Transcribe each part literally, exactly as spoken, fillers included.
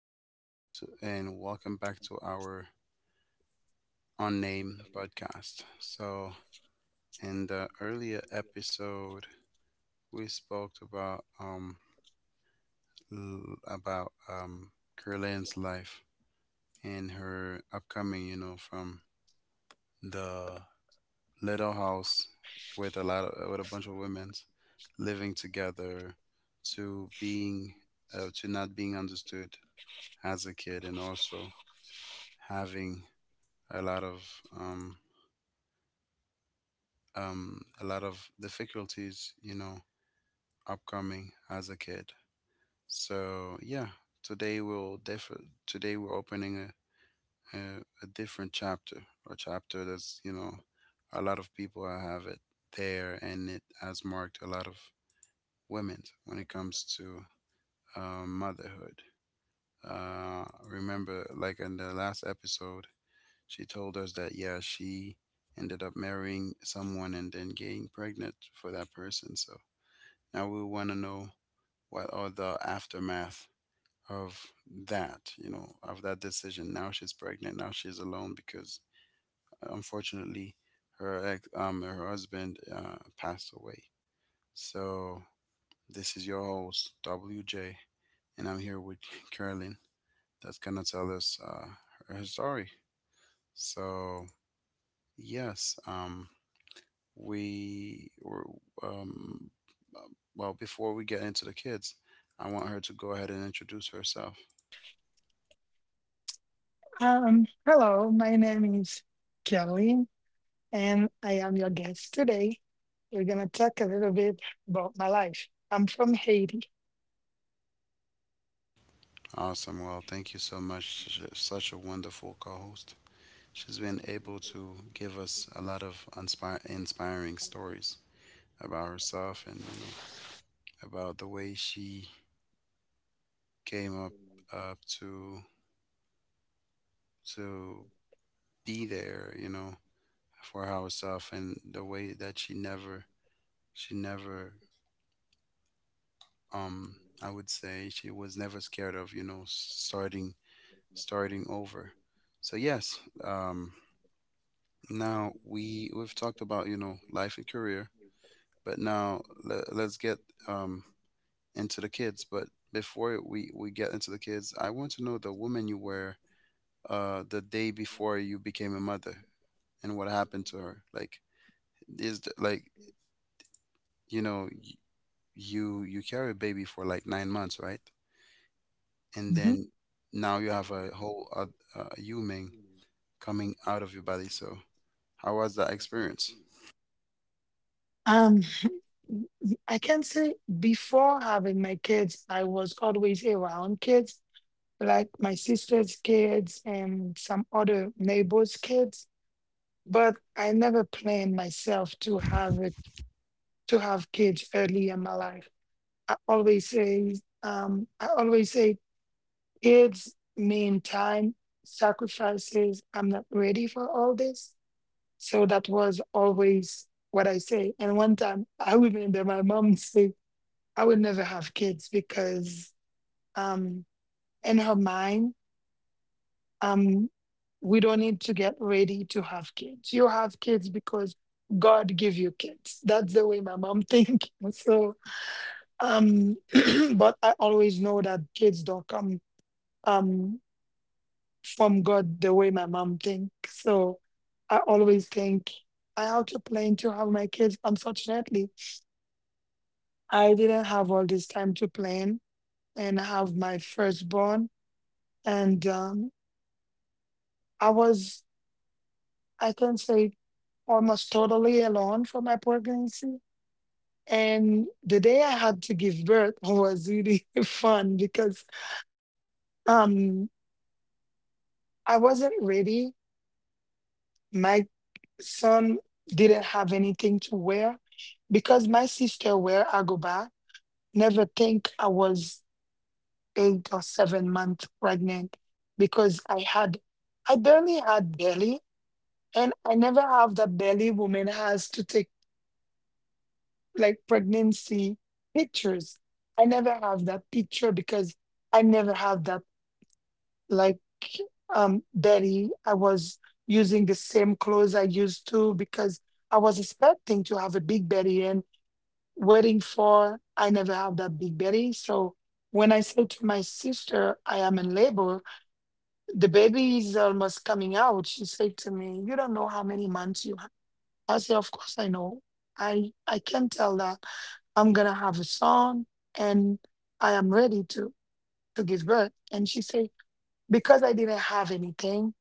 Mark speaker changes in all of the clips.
Speaker 1: Uh, so, and welcome back to our unnamed podcast. So, in the earlier episode, we spoke about um l- about um Curlin's life and her upcoming, you know, from the little house with a lot of with a bunch of women living together, to being uh, to not being understood as a kid, and also having a lot of um, um, a lot of difficulties, you know, upcoming as a kid. So yeah, today we'll def- today we're opening a, a a different chapter, a chapter that's you know, a lot of people have it there, and it has marked a lot of women when it comes to uh, motherhood. Uh, remember, like in the last episode, She told us that, yeah, she ended up marrying someone and then getting pregnant for that person. So now we want to know what are the aftermath of that, you know, of that decision. Now she's pregnant. Now she's alone because unfortunately her ex, um, her husband uh, passed away. So this is your host W J, and I'm here with Carolyn. That's gonna tell us uh, her story. So yes, um, we were um well, before we get into the kids, I want her to go ahead and introduce herself.
Speaker 2: Um, hello, my name is Kelly, and I am your guest today. We're gonna talk a little bit about my life. I'm from Haiti.
Speaker 1: Awesome, well, thank you so much. Sh- such a wonderful co-host. She's been able to give us a lot of inspir- inspiring stories about herself, and you know, about the way she came up up to to be there, you know, for herself, and the way that she never she never um I would say she was never scared of, you know, starting starting over. So yes, um, now we we've talked about, you know, life and career, but now le- let's get um into the kids. But before we we get into the kids, I want to know the woman you were uh the day before you became a mother, and what happened to her. Like, is the, like, you know, y- you you carry a baby for like nine months, right? And
Speaker 2: Mhm.
Speaker 1: then now you have a whole oth- uh, human coming out of your body. So how was that experience?
Speaker 2: Um, I can say before having my kids, I was always around kids, like my sister's kids and some other neighbors' kids. But I never planned myself to have it, to have kids early in my life. I always say, um, I always say kids mean time, sacrifices. I'm not ready for all this. So that was always what I say. And one time I remember my mom say, I would never have kids because um, in her mind, um, we don't need to get ready to have kids. You have kids because God give you kids. That's the way my mom think. So, um, but I always know that kids don't come. Um, from God the way my mom thinks. So I always think I have to plan to have my kids. Unfortunately, I didn't have all this time to plan and have my firstborn. And um, I was, I can say, almost totally alone for my pregnancy. And the day I had to give birth was really fun because um, I wasn't ready. My son didn't have anything to wear because my sister wear agoba never think I was eight or seven months pregnant because I had, I barely had belly, and I never have the belly woman has to take like pregnancy pictures. I never have that picture because I never have that, like, um belly. I was using the same clothes I used to because I was expecting to have a big belly and waiting for, I never have that big belly. So when I say to my sister, I am in labor, the baby is almost coming out, she said to me, you don't know how many months you have. I say, of course I know. I i can tell that I'm gonna have a son, and I am ready to to give birth. And she said, because I didn't have anything.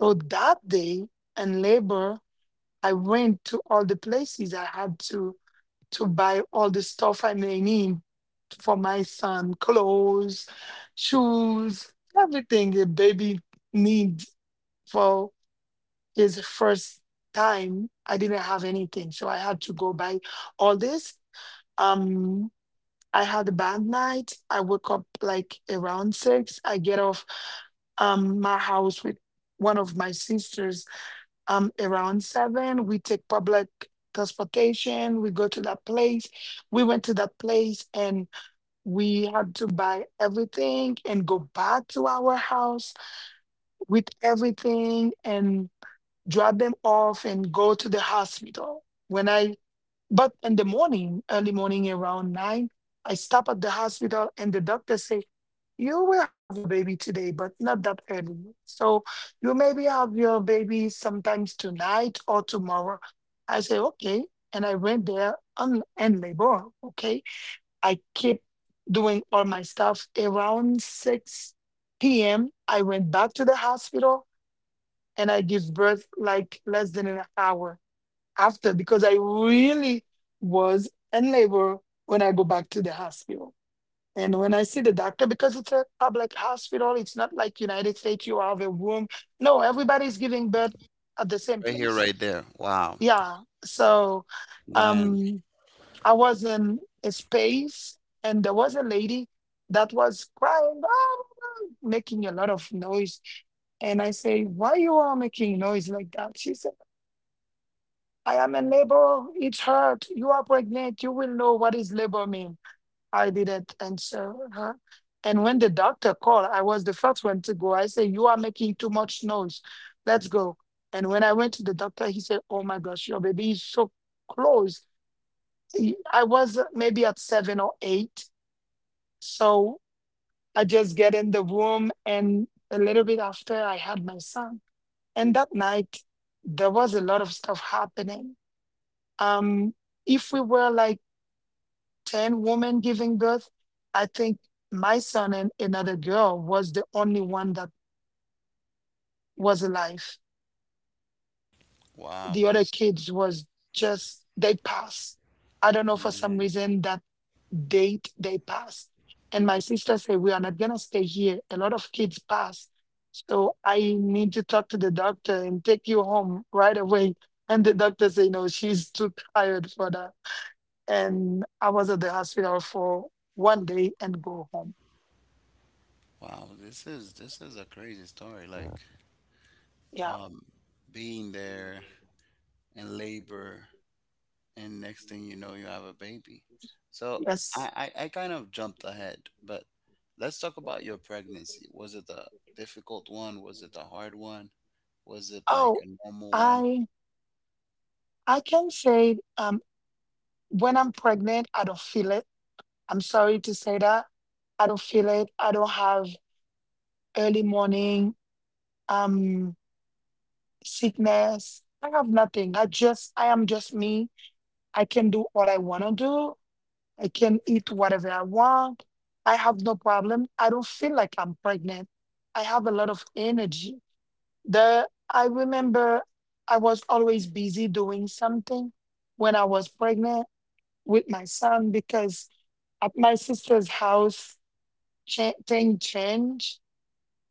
Speaker 2: So that day in labor, I went to all the places I had to to buy all the stuff I may need for my son: clothes, shoes, everything a baby needs for his first time. I didn't have anything, so I had to go buy all this. Um, I had a bad night. I woke up like around six. I get off um my house with one of my sisters um around seven. We take public transportation, we go to that place, we went to that place, and we had to buy everything and go back to our house with everything and drop them off and go to the hospital. When I, but in the morning, early morning around nine, I stop at the hospital and the doctor say, you will have your baby today, but not that early. So you maybe have your baby sometimes tonight or tomorrow. I say, okay. And I went there on and labor. Okay, I keep doing all my stuff. Around six p m, I went back to the hospital and I give birth like less than an hour after because I really was in labor when I go back to the hospital. And when I see the doctor, because it's a public hospital, it's not like United States, you have a room. No, everybody's giving birth at the same
Speaker 1: Right here,
Speaker 2: place.
Speaker 1: right there. Wow,
Speaker 2: Yeah. So
Speaker 1: man.
Speaker 2: um I was in a space and there was a lady that was crying, "Ah," making a lot of noise. And I say, why you are making noise like that? She said, I am in labor. It's hard. You are pregnant. You will know what is labor mean. I didn't answer her. And when the doctor called, I was the first one to go. I say, you are making too much noise. Let's go. And when I went to the doctor, he said, oh my gosh, your baby is so close. y- I was maybe at seven or eight. So I just get in the room and a little bit after I had my son. And that night there was a lot of stuff happening. Um, if we were like ten women giving birth, I think my son and another girl was the only one that was alive.
Speaker 1: Wow,
Speaker 2: The other
Speaker 1: this
Speaker 2: kids was just, they passed. I don't know for some
Speaker 1: man.
Speaker 2: reason that date they pass. And my sister said, we are not going to stay here. A lot of kids pass. So I need to talk to the doctor and take you home right away. And the doctor said, no, she's too tired for that. And I was at the hospital for one day and go home.
Speaker 1: Wow, this is this is a crazy story. Like,
Speaker 2: Yeah.
Speaker 1: um, being there in labor, and next thing you know, you have a baby. So
Speaker 2: Yes.
Speaker 1: I I, I kind of jumped ahead, but let's talk about your pregnancy. Was it a difficult one? Was it a hard one? Was it like
Speaker 2: Oh,
Speaker 1: a normal one?
Speaker 2: I I can say um when I'm pregnant, I don't feel it. I'm sorry to say that. I don't feel it. I don't have early morning. Um Sickness. I have nothing. I just, I am just me. I can do all I want to do. I can eat whatever I want. I have no problem. I don't feel like I'm pregnant. I have a lot of energy. The I remember I was always busy doing something when I was pregnant with my son because at my sister's house, cha- thing changed.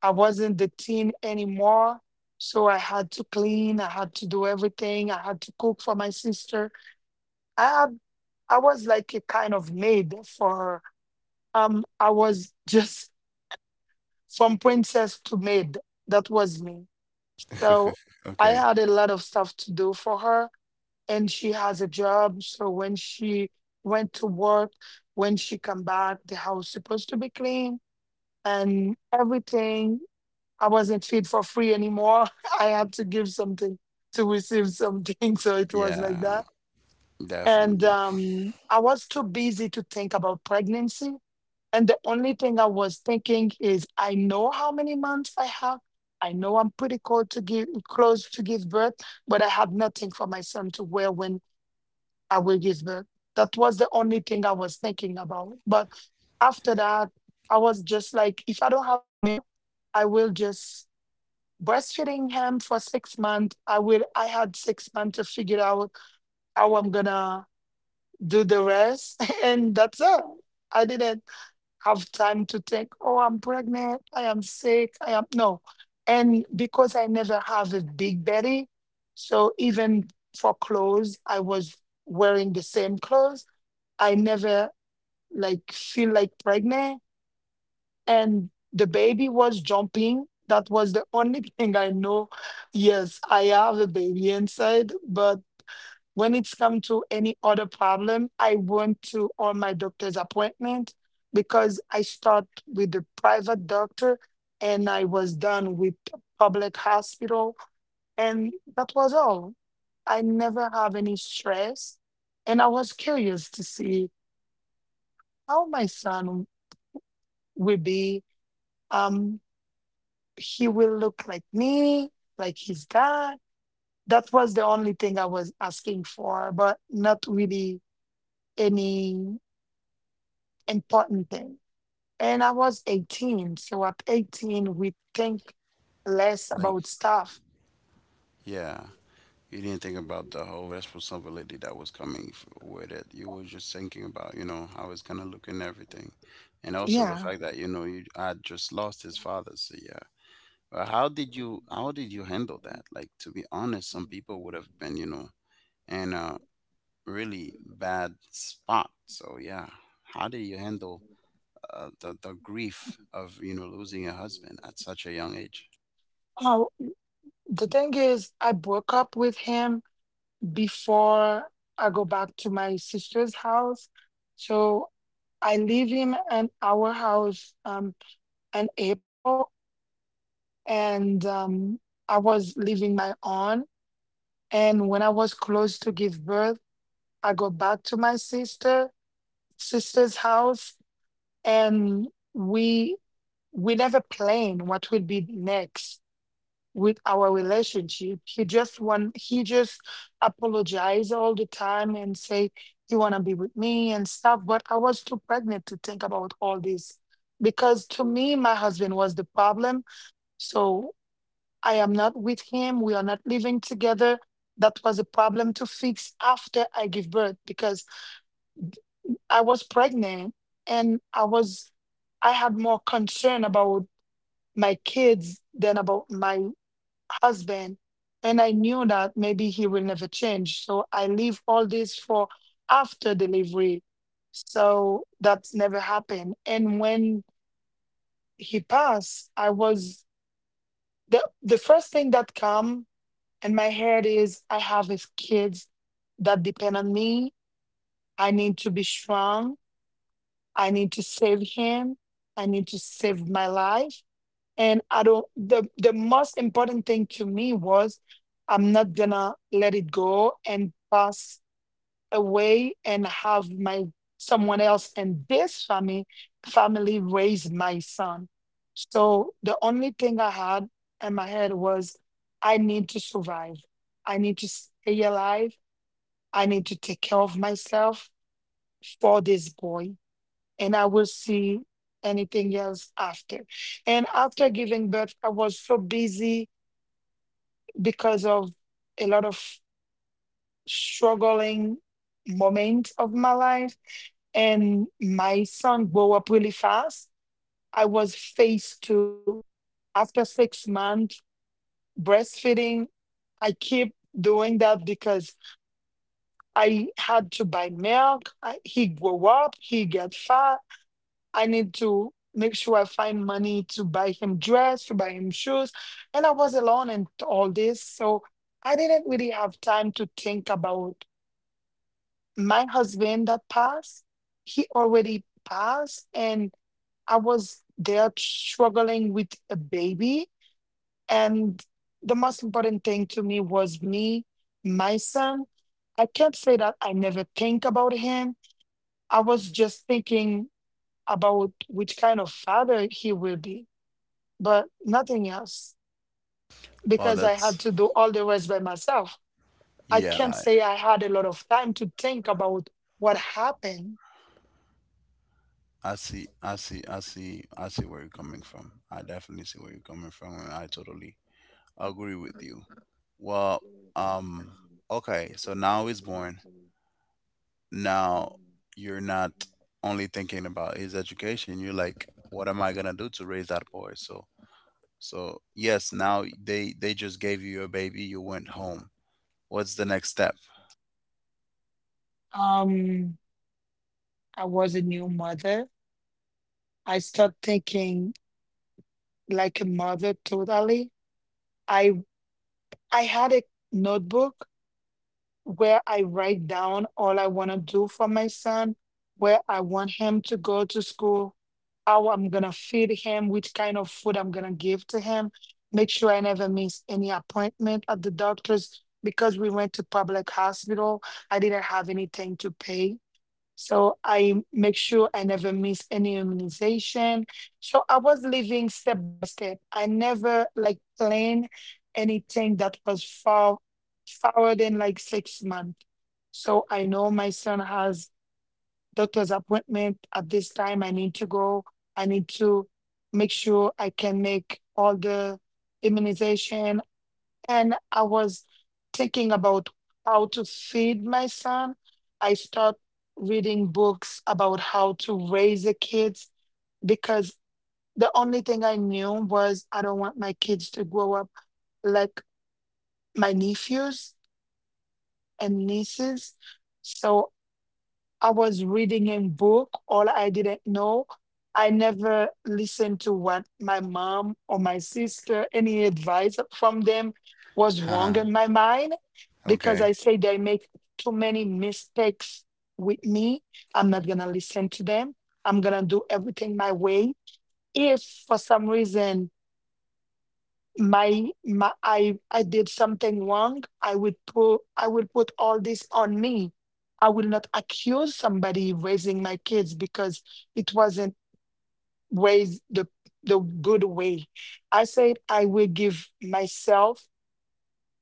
Speaker 2: I wasn't the teen anymore. So I had to clean, I had to do everything, I had to cook for my sister. I had, I was like a kind of maid for her. Um, I was just from princess to maid. That was me. So I
Speaker 1: Okay.
Speaker 2: had a lot of stuff to do for her, and she has a job. So when she went to work, when she come back, the house supposed to be clean and everything. I wasn't fit for free anymore. I had to give something to receive something. So it was like
Speaker 1: Yeah,
Speaker 2: that. And
Speaker 1: definitely.
Speaker 2: um, I was too busy to think about pregnancy. And the only thing I was thinking is I know how many months I have. I know I'm pretty close to give close to give birth, but I had nothing for my son to wear when I will give birth. That was the only thing I was thinking about. But after that, I was just like, if I don't have milk, I will just breastfeeding him for six months. I will. I had six months to figure out how I'm gonna do the rest, and that's it. I didn't have time to think, oh, I'm pregnant, I am sick, I am no. And because I never have a big belly, so even for clothes, I was wearing the same clothes. I never like feel like pregnant and the baby was jumping. That was the only thing I know. Yes, I have a baby inside, but when it's come to any other problem, I went to all my doctor's appointment because I start with the private doctor and I was done with the public hospital and that was all. I never have any stress and I was curious to see how my son will be. Um, he will look like me, like his dad. That was the only thing I was asking for, but not really any important thing. And I was eighteen. So at eighteen, we think less
Speaker 1: Like,
Speaker 2: about stuff.
Speaker 1: yeah, you didn't think about the whole responsibility that was coming f- with it. You were just thinking about, you know, how it's gonna look and everything, and also the
Speaker 2: Yeah.
Speaker 1: fact that you know you had just lost his father. So yeah, but how did you how did you handle that? Like, to be honest, some people would have been, you know, in a really bad spot. So yeah, how did you handle uh, the the grief of, you know, losing a husband at such a young age?
Speaker 2: Oh, the thing is, I broke up with him before I go back to my sister's house. So I leave him in our house um, in April and um, I was living my own. And when I was close to give birth, I go back to my sister sister's house, and we we never planned what would be next with our relationship. He just want he just apologized all the time and say you wanna be with me and stuff. But I was too pregnant to think about all this because to me my husband was the problem. So I am not with him. We are not living together. That was a problem to fix after I give birth because I was pregnant and I was I had more concern about my kids than about my husband. And I knew that maybe he will never change. So I leave all this for after delivery. So that's never happened. And when he passed, I was the the first thing that come, and my heart is I have is kids that depend on me. I need to be strong. I need to save him. I need to save my life. And I don't, the the most important thing to me was I'm not gonna let it go and pass away and have my someone else in this family family raise my son. So the only thing I had in my head was I need to survive. I need to stay alive. I need to take care of myself for this boy. And I will see anything else after. And after giving birth, I was so busy because of a lot of struggling moment of my life, and my son grew up really fast. I was faced to, after six months breastfeeding, I keep doing that because I had to buy milk. I, he grew up, he get fat. I need to make sure I find money to buy him dress, to buy him shoes, and I was alone and all this, so I didn't really have time to think about my husband that passed, he already passed, and I was there struggling with a baby. And the most important thing to me was me, my son. I can't say that I never think about him. I was just thinking about which kind of father he will be, but nothing else
Speaker 1: Oh,
Speaker 2: because I had
Speaker 1: that's
Speaker 2: to do all the rest by myself. I
Speaker 1: yeah.
Speaker 2: can't
Speaker 1: I,
Speaker 2: say I had a lot of time to think about what happened.
Speaker 1: I see. I see. I see. I see where you're coming from. I definitely see where you're coming from, and I totally agree with you. Well, um, okay. So now he's born. Now you're not only thinking about his education. You're like, what am I gonna do to raise that boy? So, so yes. Now they they just gave you your baby. You went home. What's the next step?
Speaker 2: Um, I was a new mother. I start thinking like a mother totally. I I had a notebook where I write down all I want to do for my son, where I want him to go to school, how I'm gonna feed him, which kind of food I'm gonna give to him, make sure I never miss any appointment at the doctor's because we went to public hospital. I didn't have anything to pay. So I make sure I never miss any immunization. So I was living step by step. I never like planned anything that was far forward in like six months. So I know my son has doctor's appointment at this time. I need to go. I need to make sure I can make all the immunization, and I was thinking about how to feed my son. I start reading books about how to raise the kids because the only thing I knew was I don't want my kids to grow up like my nephews and nieces. So I was reading a book, all I didn't know. I never listened to what my mom or my sister, any advice from them was wrong in my mind because I
Speaker 1: Okay.
Speaker 2: say they make too many mistakes with me. I'm not going to listen to them. I'm going to do everything my way. If for some reason my my I I did something wrong, I would put I will put all this on me. I will not accuse somebody raising my kids because it wasn't raised the the good way. I said I will give myself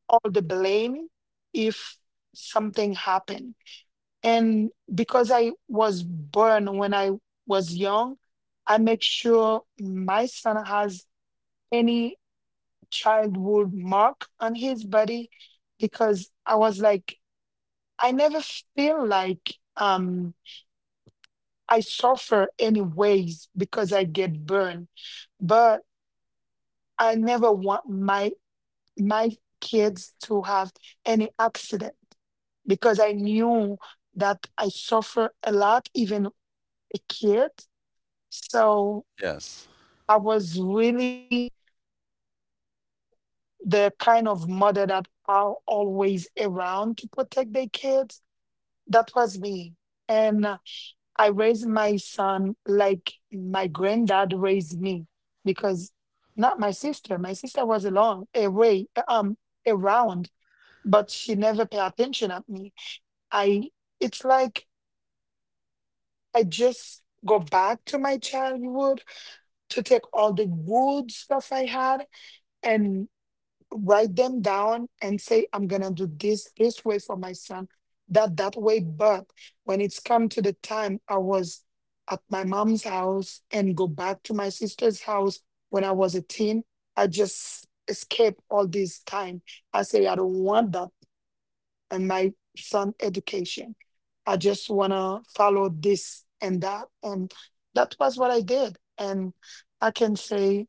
Speaker 2: all the blame if something happened. And because I was born when I was young, I make sure my son has any childhood mark on his body because I was like, I never feel like um I suffer any ways because I get burned, but I never want my my kids to have any accident because I knew that I suffer a lot, even a kid. So
Speaker 1: Yes.
Speaker 2: I was really the kind of mother that are always around to protect their kids. That was me. And uh, I raised my son like my granddad raised me because not my sister. My sister was along away um around, but she never paid attention at me. I, it's like I just go back to my childhood to take all the good stuff I had, and write them down and say I'm gonna do this this way for my son, that that way, but when it's come to the time I was at my mom's house and go back to my sister's house when I was a teen, I just escape all this time. I say I don't want that in my son education. I just wanna follow this and that, and that was what I did. And I can say,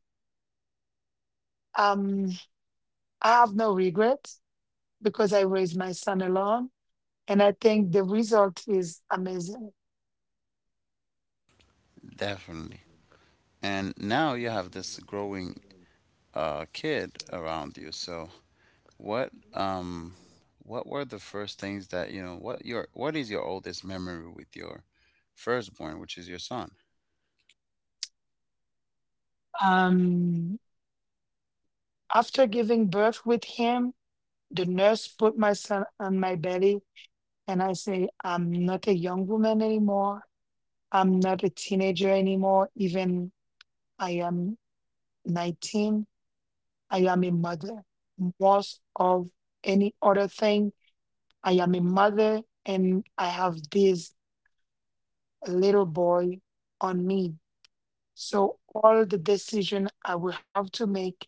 Speaker 2: um I have no regrets because I raised my son alone. And I think the result is amazing.
Speaker 1: Definitely. And now you have this growing a kid around you. So what um what were the first things that, you know, what your what is your oldest memory with your firstborn, which is your son?
Speaker 2: Um, After giving birth with him, the nurse put my son on my belly, and I say, I'm not a young woman anymore. I'm not a teenager anymore. Even I am nineteen. I am a mother. Most of any other thing, I am a mother, and I have this little boy on me. So all the decision I will have to make,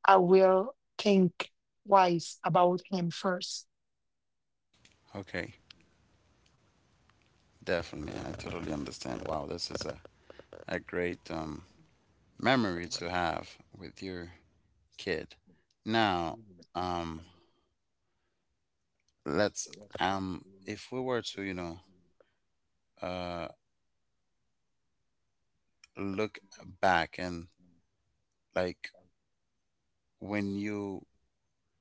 Speaker 2: I will think twice about him first.
Speaker 1: Okay, definitely. I totally understand. Wow, this is a, a great um memory to have with your kid. Now, um let's, um if we were to, you know, uh look back, and like when you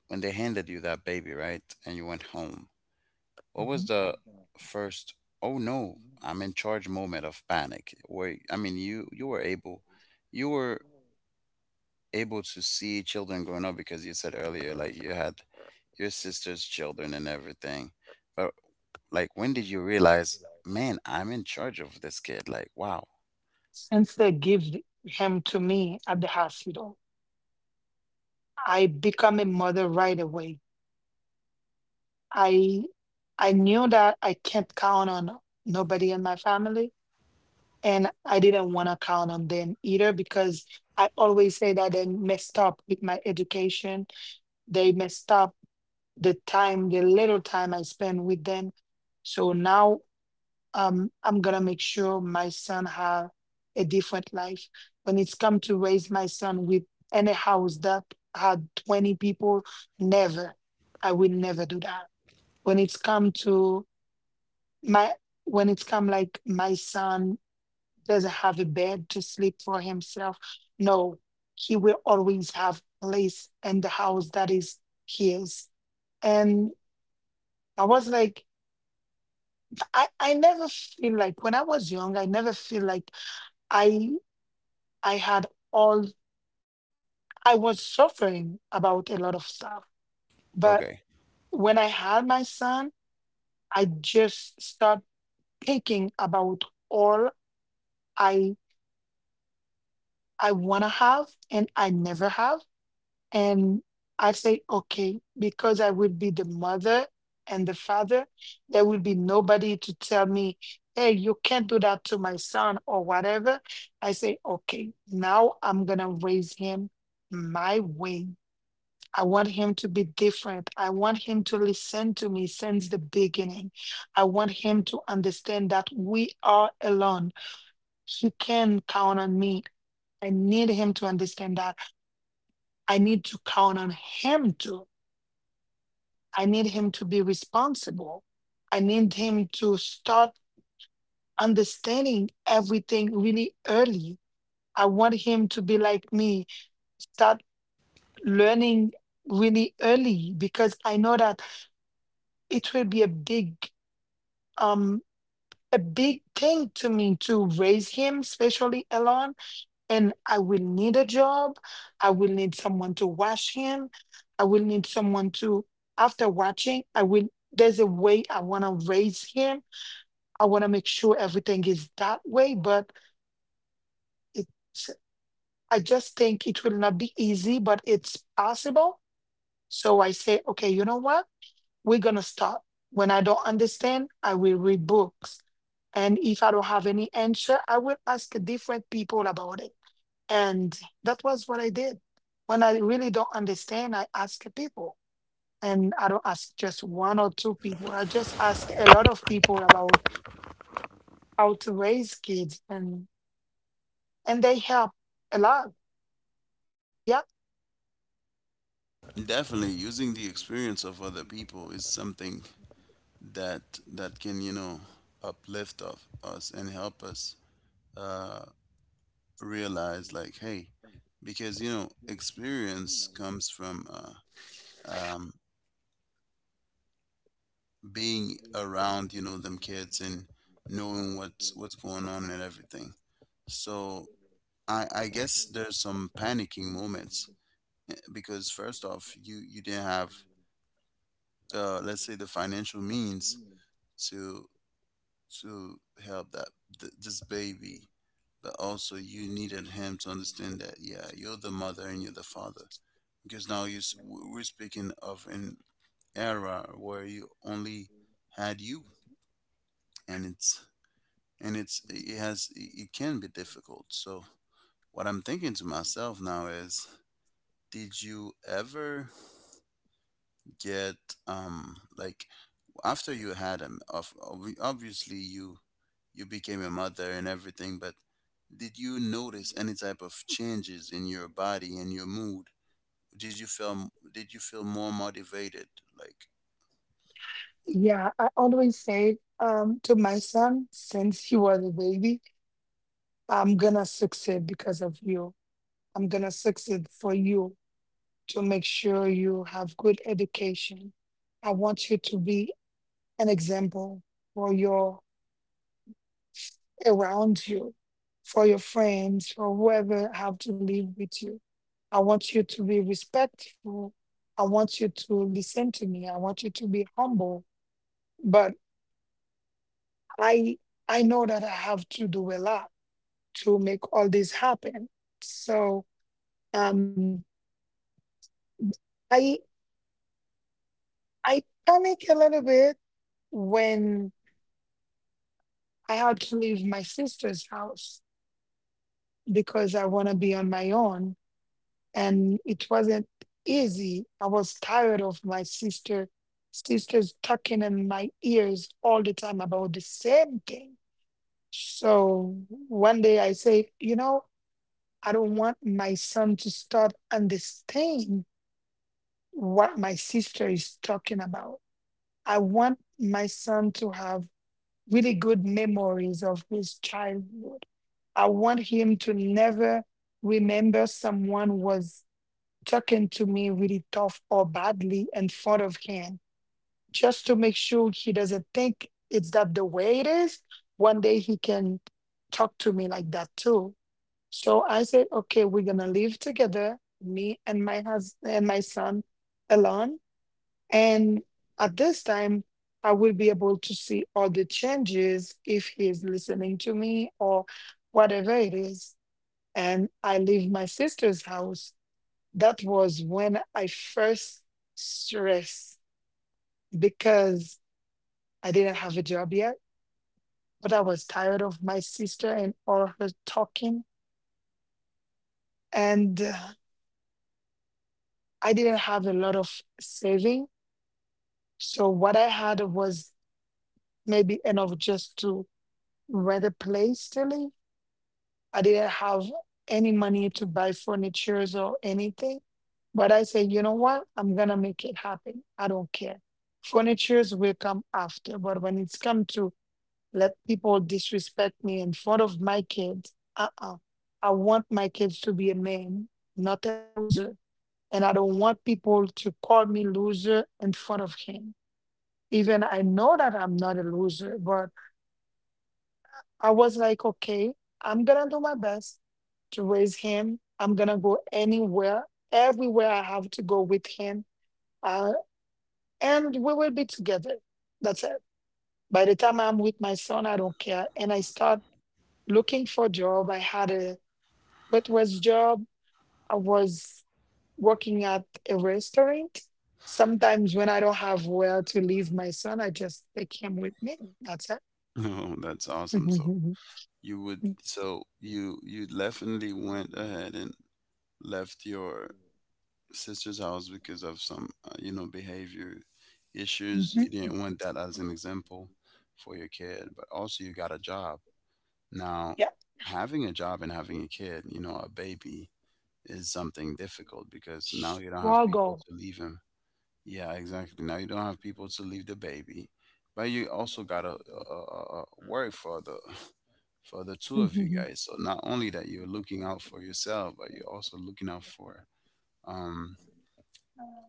Speaker 1: when they handed you that baby, right? And you went home. What was the first "Oh no, I'm in charge" moment of panic? Where, I mean, you you were able, you were able to see children growing up, because you said earlier like you had your sister's children and everything. But like, when did you realize, man, I'm in charge of this kid? Like, wow.
Speaker 2: Since they give him to me at the hospital, I become a mother right away. I I knew that I can't count on nobody in my family, and I didn't want to count on them either because I always say that they messed up with my education. They messed up the time, the little time I spent with them. So now, um, I'm gonna make sure my son have a different life. When it's come to raise my son with any house that had twenty people, never. I will never do that. When it's come to my, when it's come like my son doesn't have a bed to sleep for himself, no, he will always have place in the house that is his. And I was like, I, I never feel like when I was young, I never feel like I I had all, I was suffering about a lot of stuff. But
Speaker 1: Okay.
Speaker 2: when I had my son, I just start thinking about all I I want to have and I never have. And I say, okay, because I will be the mother and the father, there will be nobody to tell me, hey, you can't do that to my son or whatever. I say, okay, now I'm going to raise him my way. I want him to be different. I want him to listen to me since the beginning. I want him to understand that we are alone. He can count on me. I need him to understand that. I need to count on him too. I need him to be responsible. I need him to start understanding everything really early. I want him to be like me, start learning really early because I know that it will be a big um a big thing to me to raise him, especially alone. And I will need a job. I will need someone to wash him. I will need someone to, after watching, I will, there's a way I want to raise him. I want to make sure everything is that way, but it's, I just think it will not be easy, but it's possible. So I say, okay, you know what? We're gonna start. When I don't understand, I will read books. And if I don't have any answer, I will ask different people about it. And that was what I did. When I really don't understand, I ask people. And I don't ask just one or two people. I just ask a lot of people about how to raise kids, and and they help a lot. Yeah.
Speaker 1: Definitely, using the experience of other people is something that that can, you know, uplift of us and help us. Uh, realize, like, hey, because, you know, experience comes from uh, um, being around, you know, them kids, and knowing what's what's going on and everything. So i i guess there's some panicking moments, eh, because first off, you you didn't have the, let's say, the financial means to to help that, th- this baby. But also, you needed him to understand that, yeah, you're the mother and you're the father, because now you s- w- we're speaking of an era where you only had you, and it's, and it's it has it it can be difficult. So what I'm thinking to myself now is, did you ever get um like after you had him, of obvi- obviously you you became a mother and everything, but did you notice any type of changes in your body and your mood? Did you feel did you feel more motivated, like?
Speaker 2: Yeah. I always say um to my son since he was a baby, I'm gonna succeed because of you. I'm gonna succeed for you to make sure you have good education. I want you to be an example for your around you, for your friends, for whoever have to live with you. I want you to be respectful. I want you to listen to me. I want you to be humble. But I I know that I have to do a lot to make all this happen. So um I I panic a little bit when I had to leave my sister's house because I want to be on my own. And it wasn't easy. I was tired of my sister, sisters talking in my ears all the time about the same thing. So one day I say, you know, I don't want my son to start understanding what my sister is talking about. I want my son to have really good memories of his childhood. I want him to never remember someone was talking to me really tough or badly in front of him, just to make sure he doesn't think it's that the way it is. One day he can talk to me like that too. So I said, okay, we're gonna live together, me and my husband and my son alone. And at this time, I will be able to see all the changes if he is listening to me or whatever it is, and I leave my sister's house, that was when I first stressed because I didn't have a job yet, but I was tired of my sister and all her talking. And uh, I didn't have a lot of saving. So what I had was maybe enough just to rent a place to live. I didn't have any money to buy furnitures or anything. But I said, you know what? I'm gonna make it happen. I don't care. Furnitures will come after. But when it's come to let people disrespect me in front of my kids, uh-uh. I want my kids to be a man, not a loser. And I don't want people to call me loser in front of him. Even I know that I'm not a loser, but I was like, okay, I'm gonna do my best to raise him. I'm gonna go anywhere, everywhere I have to go with him, uh, and we will be together. That's it. By the time I'm with my son, I don't care. And I start looking for job. I had a waitress job. I was working at a restaurant. Sometimes when I don't have where to leave my son, I just take him with me. That's it.
Speaker 1: Oh, that's awesome. So you would, so you you definitely went ahead and left your sister's house because of some, uh, you know, behavior issues. You
Speaker 2: Mhm.
Speaker 1: didn't want that as an example for your kid, but also you got a job. Now,
Speaker 2: Yeah.
Speaker 1: having a job and having a kid, you know, a baby, is something difficult because now you don't
Speaker 2: We're
Speaker 1: have
Speaker 2: all
Speaker 1: people
Speaker 2: go.
Speaker 1: to leave him. Yeah, exactly. Now you don't have people to leave the baby, but you also gotta uh, uh, uh, worry for the for the two of you guys. So not only that you're looking out for yourself, but you're also looking out for um,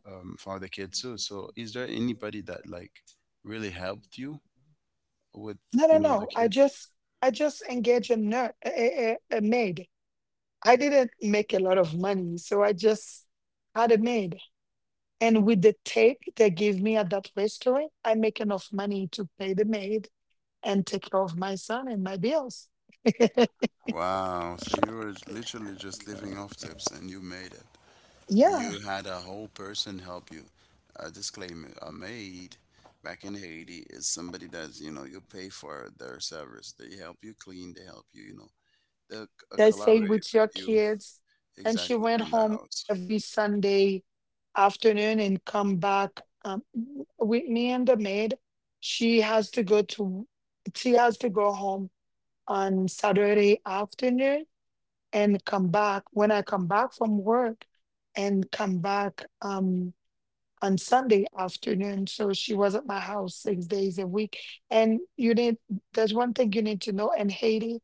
Speaker 1: um for the kid too. So is there anybody that like really helped you with,
Speaker 2: No, no,
Speaker 1: you know, the
Speaker 2: no. I
Speaker 1: kid?
Speaker 2: just I just engage a, ner- a, a, a maid. I didn't make a lot of money, so I just had a maid. And with the take they give me at that restaurant, I make enough money to pay the maid and take care of my son and my bills.
Speaker 1: Wow. So you were literally just living off tips and you made it.
Speaker 2: Yeah,
Speaker 1: You had a whole person help you. A disclaimer: a maid back in Haiti is somebody that's, you know, you pay for their service. They help you clean. They help you, you know. They will
Speaker 2: they stay
Speaker 1: collaborate
Speaker 2: with
Speaker 1: with
Speaker 2: your
Speaker 1: you.
Speaker 2: kids. And she
Speaker 1: Exactly,
Speaker 2: went
Speaker 1: in the
Speaker 2: home
Speaker 1: house.
Speaker 2: every Sunday afternoon and come back um, with me and the maid. She has to go to she has to go home on Saturday afternoon and come back when I come back from work and come back um on Sunday afternoon. So she was at my house six days a week. And you need there's one thing you need to know in Haiti,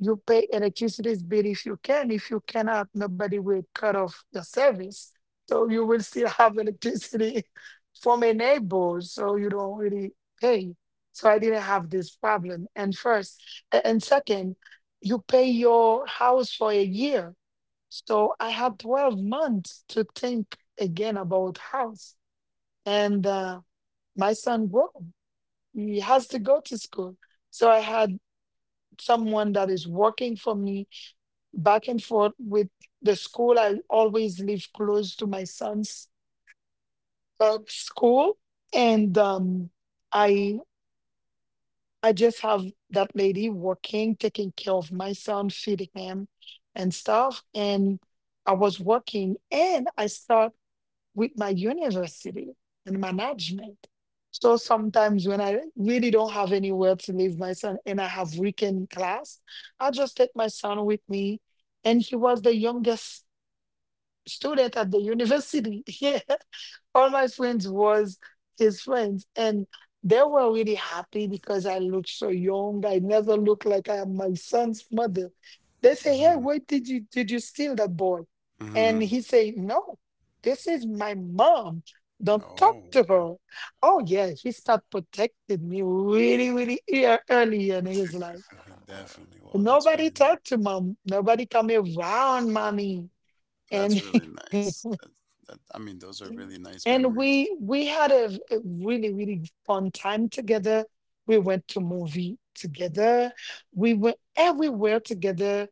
Speaker 2: you pay electricity bill if you can. If you cannot, nobody will cut off the service. So you will still have electricity from a neighbor. So you don't really pay. So I didn't have this problem. And first, a- and second, you pay your house for a year. So I had twelve months to think again about house. And uh, my son grew. He has to go to school. So I had someone that is working for me back and forth with the school. I always live close to my son's uh, school, and um, I I just have that lady working, taking care of my son, feeding him, and stuff. And I was working, and I start with my university and management. So sometimes when I really don't have anywhere to leave my son and I have weekend class, I just take my son with me and he was the youngest student at the university. Yeah. All my friends was his friends. And they were really happy because I looked so young. I never looked like I am my son's mother. They say, "Hey,
Speaker 1: Mhm,
Speaker 2: where did you did you steal that boy?" And
Speaker 1: mhm.
Speaker 2: he say, "No, this is my mom. Don't talk
Speaker 1: Oh,
Speaker 2: to
Speaker 1: okay.
Speaker 2: her." Oh yeah, he started protecting me really, really ear- early in his life.
Speaker 1: Definitely. Well, that's really
Speaker 2: Nobody
Speaker 1: nice.
Speaker 2: talked to mom. Nobody come around mommy.
Speaker 1: That's
Speaker 2: And
Speaker 1: really nice. That, that I mean, those are really nice
Speaker 2: and
Speaker 1: memories.
Speaker 2: we we had a, v- a really really fun time together. We went to movie together. We went everywhere together.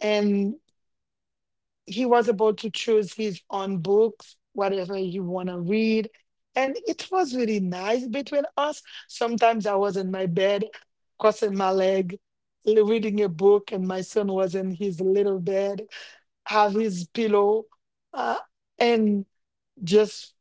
Speaker 2: And he was about to choose his own books, whatever you want to read. And it was really nice between us. Sometimes I was in my bed, crossing my leg, l- reading a book, and my son was in his little bed, have his pillow, uh, just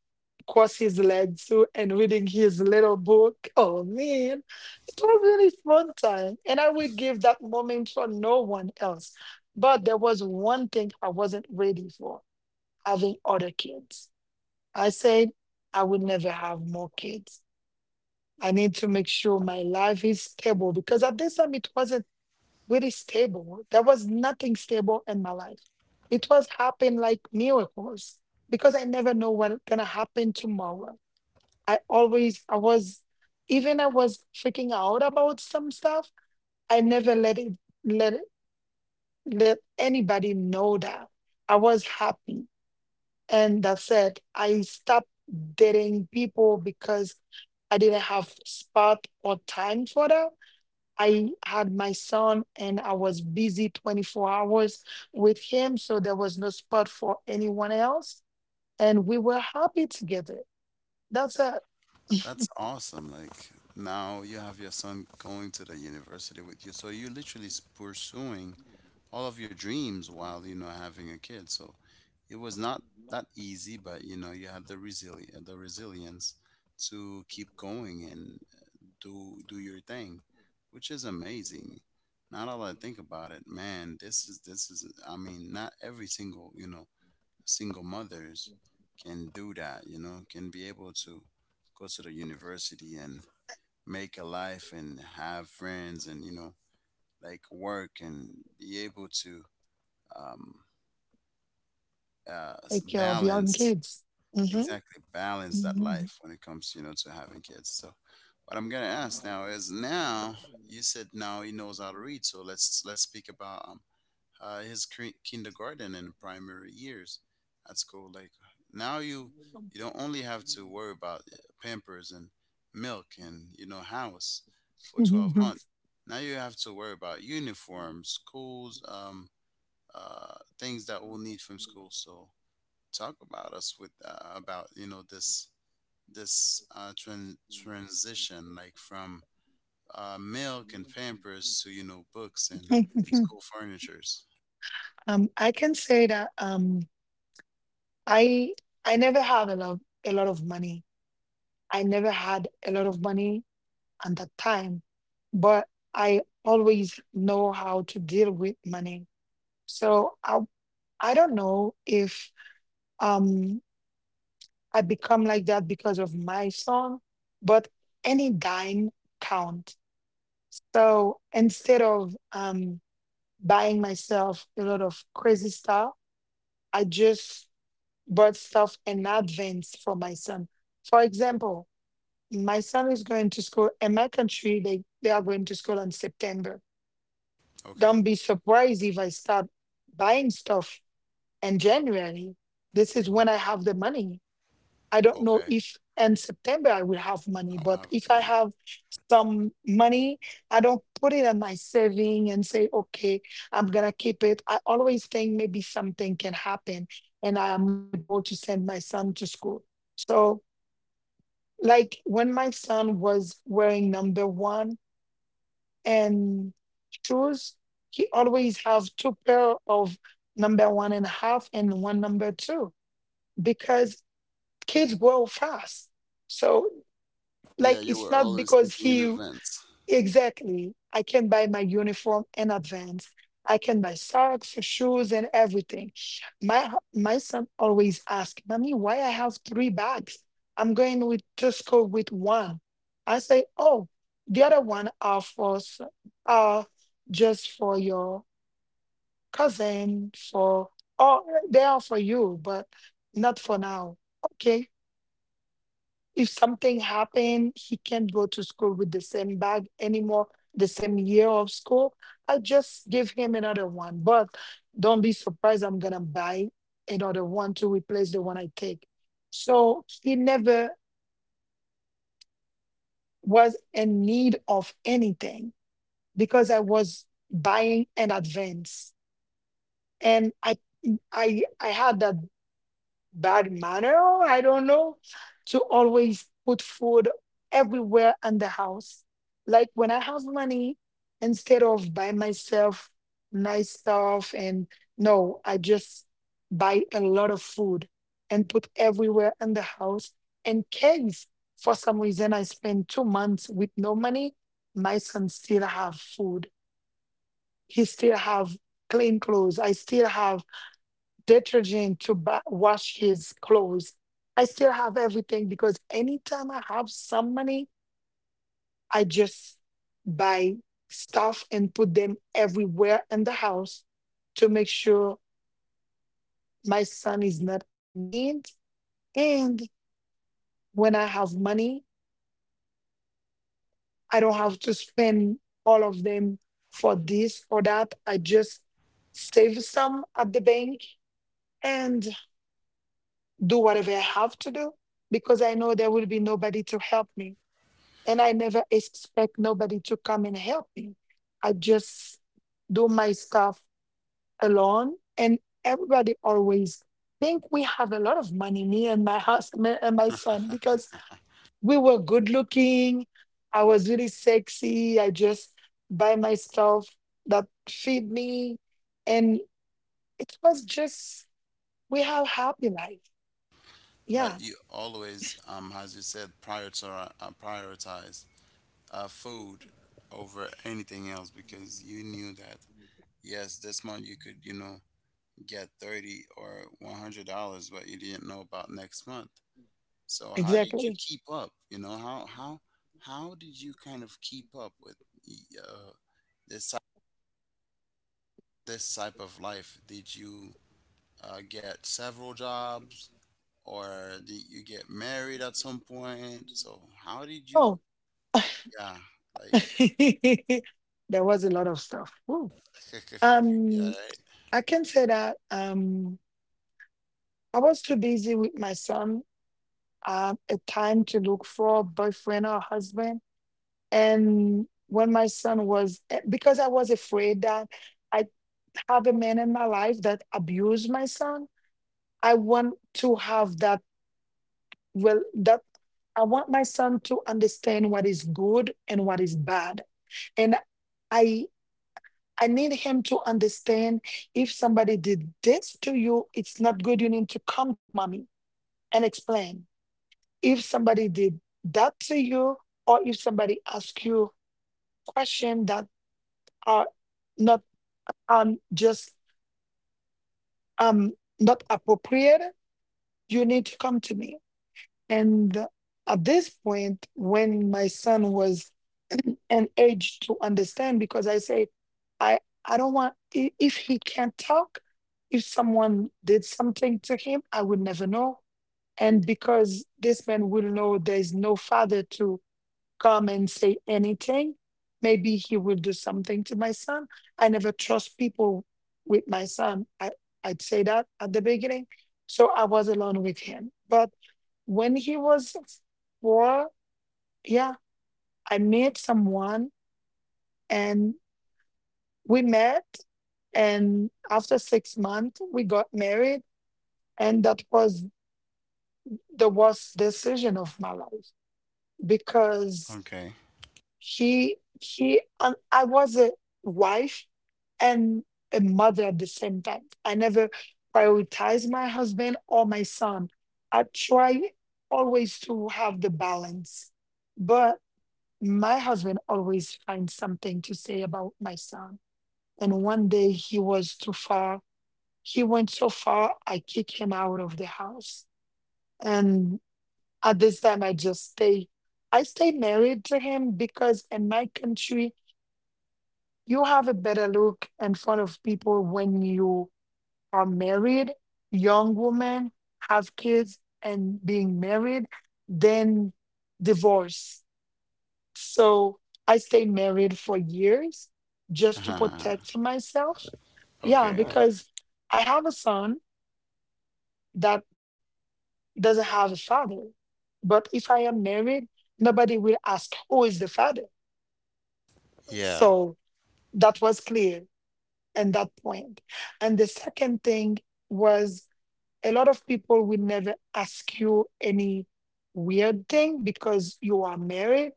Speaker 2: cross his legs too and reading his little book. Oh man, it was really fun time. And I would give that moment for no one else. But there was one thing I wasn't ready for: having other kids. I said, I would never have more kids. I need to make sure my life is stable because at this time it wasn't really stable. There was nothing stable in my life. It was happening like miracles because I never know what's gonna happen tomorrow. I always, I was, even I was freaking out about some stuff, I never let it, let it, let anybody know that I was happy. And that's it. I stopped dating people because I didn't have spot or time for them. I had my son and I was busy twenty-four hours with him. So there was no spot for anyone else. And we were happy together. That's it.
Speaker 1: That's awesome. Like, now you have your son going to the university with you, so you're literally s- pursuing all of your dreams while, you know, having a kid. So it was not that easy, but you know you had the resili the resilience to keep going and do do your thing, which is amazing. Not all I think about it, man. This is this is. I mean, not every single you know single mothers can do that. You know, can be able to go to the university and make a life and have friends and, you know, like, work, and be able to um, uh, s-
Speaker 2: Take care of young
Speaker 1: balance,
Speaker 2: kids. Mhm.
Speaker 1: exactly, balance that
Speaker 2: Mhm.
Speaker 1: life when it comes, you know, to having kids. So what I'm gonna ask now is, now you said now he knows how to read, so let's let's speak about um uh, his cre- kindergarten and primary years at school. Like, now you you don't only have to worry about uh, Pampers and milk, and, you know, house for twelve
Speaker 2: Mhm.
Speaker 1: months. Now you have to worry about uniforms, schools, um, uh, things that we'll need from school. So talk about us with, uh, about, you know, this this uh, tran- transition like from uh, milk and Pampers to, you know, books and
Speaker 2: Mhm.
Speaker 1: school furnitures.
Speaker 2: um, I can say that um, I I never have a lot a lot of money. I never had a lot of money at that time, but I always know how to deal with money. So I I don't know if um I become like that because of my song, but any dime count. So instead of um buying myself a lot of crazy stuff, I just bought stuff in advance for my son. For example, my son is going to school in my country, they, they are going to school in September.
Speaker 1: Okay,
Speaker 2: Don't be surprised if I start buying stuff in January. This is when I have the money. I don't know
Speaker 1: okay.
Speaker 2: if in September I will have money,
Speaker 1: I-
Speaker 2: but if
Speaker 1: I-
Speaker 2: I have some money, I don't put it in my saving and say, okay, I'm gonna keep it. I always think maybe something can happen and I am not able to send my son to school. So like when my son was wearing number one and shoes, he always have two pair of number one and a half and one number two because kids grow fast. So
Speaker 1: yeah,
Speaker 2: like
Speaker 1: you
Speaker 2: it's
Speaker 1: were
Speaker 2: not
Speaker 1: always
Speaker 2: because
Speaker 1: thinking in
Speaker 2: he
Speaker 1: advance.
Speaker 2: Exactly. I can buy my uniform in advance. I can buy socks, shoes, and everything. My hu- my son always asks, "Mommy, why I have three bags? I'm going with to school with one." I say, "Oh, the other one are for s- are just for your cousin, for oh, they are for you, but not for now." Okay, if something happened, he can't go to school with the same bag anymore, the same year of school. I'll just give him another one. But don't be surprised, I'm gonna buy another one to replace the one I take. So he never was in need of anything because I was buying in advance. And I I I had that bad manner, I don't know, to always put food everywhere in the house. Like when I have money, instead of buy myself nice stuff and no, I just buy a lot of food and put everywhere in the house. In case for some reason I spend two months with no money, my son still have food. He still have clean clothes. I still have detergent to ba- wash his clothes. I still have everything because anytime I have some money, I just buy stuff and put them everywhere in the house to make sure my son is not in need. And when I have money, I don't have to spend all of them for this or that. I just save some at the bank and do whatever I have to do because I know there will be nobody to help me and I never expect nobody to come and help me. I just do my stuff alone, and everybody always think we have a lot of money, me and my husband and my son, because we were good looking. I was really sexy. I just buy my stuff that feed me, and it was just we have happy life.
Speaker 1: But
Speaker 2: Yeah,
Speaker 1: you always, um, as you said, prioritize uh, prioritize uh, food over anything else, because you knew that, yes, this month you could, you know, get thirty or one hundred dollars, but you didn't know about next month. So how did you
Speaker 2: exactly.
Speaker 1: keep up, you know, how how how did you kind of keep up with, uh, this ty- this type of life? Did you uh, get several jobs, or did you get married at some point? So how did you?
Speaker 2: Oh,
Speaker 1: Yeah. Like.
Speaker 2: there was a lot of stuff. Woo. Um,
Speaker 1: Yeah.
Speaker 2: I can say that um, I was too busy with my son uh, at time to look for a boyfriend or husband. And when my son was, eh, because I was afraid that I have a man in my life that abused my son, I want to have that, well, that I want my son to understand what is good and what is bad. And I, I need him to understand if somebody did this to you, it's not good. You need to come to mommy and explain if somebody did that to you or if somebody asked you question that are not um just um not appropriate. You need to come to me. And at this point when my son was an age to understand, because I say i I don't want i- if he can't talk, if someone did something to him I would never know. And because this man will know there is no father to come and say anything, maybe he will do something to my son. I never trust people with my son. I, I'd say that at the beginning. So I was alone with him. But when he was four, yeah, I met someone and we met. And after six months, we got married. And that was the worst decision of my life
Speaker 1: Right,
Speaker 2: because
Speaker 1: okay.
Speaker 2: He he and I was a wife and a mother at the same time. I never prioritized my husband or my son. I try always to have the balance, but my husband always finds something to say about my son. And one day he was too far. He went so far, I kicked him out of the house. And at this time, I just stay. I stay married to him because in my country, you have a better look in front of people when you are married, young woman, have kids, and being married, then divorce. So I stayed married for years just to protect myself. Yeah,
Speaker 1: Okay.
Speaker 2: because I have a son that doesn't have a father. But if I am married, nobody will ask who is the father.
Speaker 1: Yeah,
Speaker 2: So that was clear and that point. And the second thing was a lot of people will never ask you any weird thing because you are married.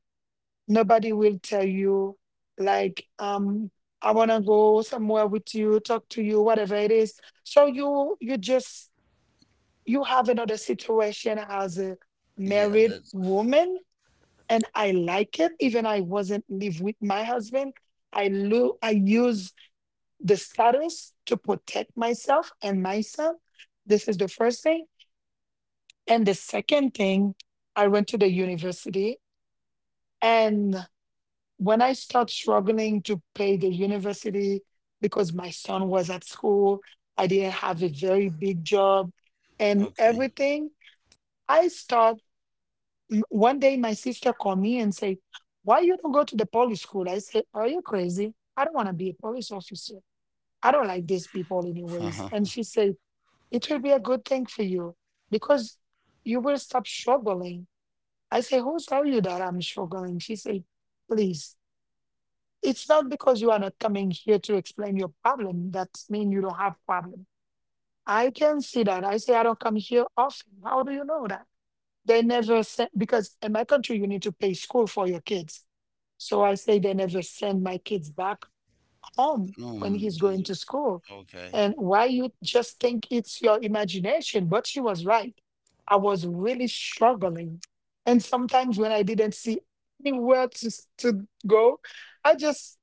Speaker 2: Nobody will tell you like, um, I wanna go somewhere with you, talk to you, whatever it is. So you you just you have another situation as a
Speaker 1: yeah,
Speaker 2: married
Speaker 1: that's
Speaker 2: woman, and I like it. Even I wasn't live with my husband. I lo- I use the status to protect myself and myself. This is the first thing. And the second thing, I went to the university. And when I started struggling to pay the university because my son was at school, I didn't have a very big job and
Speaker 1: okay.
Speaker 2: everything, I start m- one day my sister called me and say, why you don't go to the police school? I said, are you crazy? I don't want to be a police officer. I don't like these people anyways. And she said, it will be a good thing for you because you will stop struggling. I say, who tell you that I'm struggling? She say, please, it's not because you are not coming here to explain your problem. That means you don't have problem. I can see that. I say, I don't come here often. How do you know that? They never send, because in my country, you need to pay school for your kids. So I say, they never send my kids back home when
Speaker 1: Um
Speaker 2: he's
Speaker 1: just
Speaker 2: going to school.
Speaker 1: okay.
Speaker 2: And why you just think it's your imagination, but she was right. I was really struggling. And sometimes when I didn't see anywhere to, s- to go, I just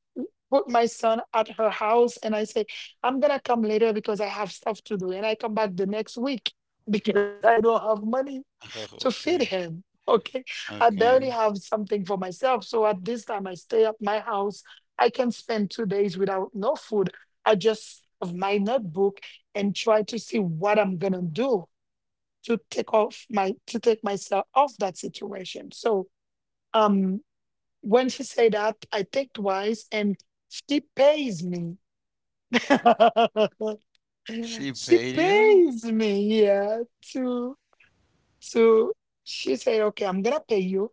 Speaker 2: put my son at her house and I say, I'm gonna come later because I have stuff to do. And I come back the next week because I don't have money to feed
Speaker 1: Okay.
Speaker 2: him. Okay. I barely
Speaker 1: Okay.
Speaker 2: have something for myself. So at this time, I stay at my house. I can spend two days without no food. I just have my notebook and try to see what I'm gonna do to take off my to take myself off that situation. So um when she said that, I think twice and she pays me.
Speaker 1: She
Speaker 2: She
Speaker 1: paid you?
Speaker 2: pays me, yeah, to to she said, okay, I'm gonna pay you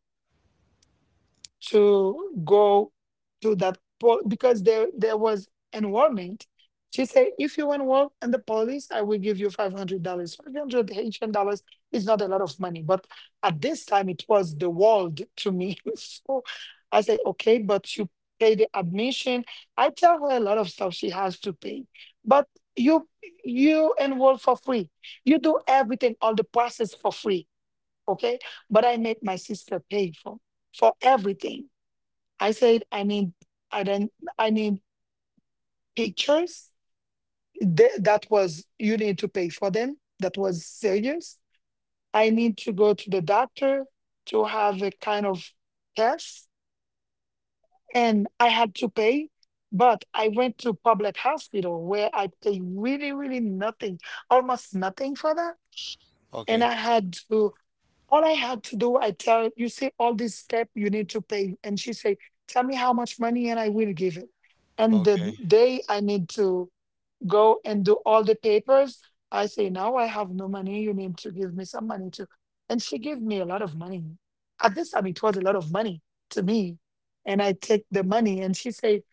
Speaker 2: to go to that po- because there there was enrollment. She said, if you enroll in the police, I will give you five hundred dollars. Five hundred Haitian dollars is not a lot of money, but at this time it was the world to me. So I said, okay, but you pay the admission. I tell her a lot of stuff she has to pay, but you you enroll for free. You do everything, all the process for free. Okay, but I made my sister pay for for everything. I said, I need, I don't, I need pictures. Th- that was, you need to pay for them. That was serious. I need to go to the doctor to have a kind of test. And I had to pay, but I went to public hospital where I paid really, really nothing, almost nothing for that. And
Speaker 1: Okay.
Speaker 2: I had to all I had to do, I tell her, you see all these step you need to pay. And she say, tell me how much money and I will give it. And
Speaker 1: Okay.
Speaker 2: the day I need to go and do all the papers, I say, now I have no money. You need to give me some money too. And she gave me a lot of money. At this time, it was a lot of money to me. And I take the money and she say,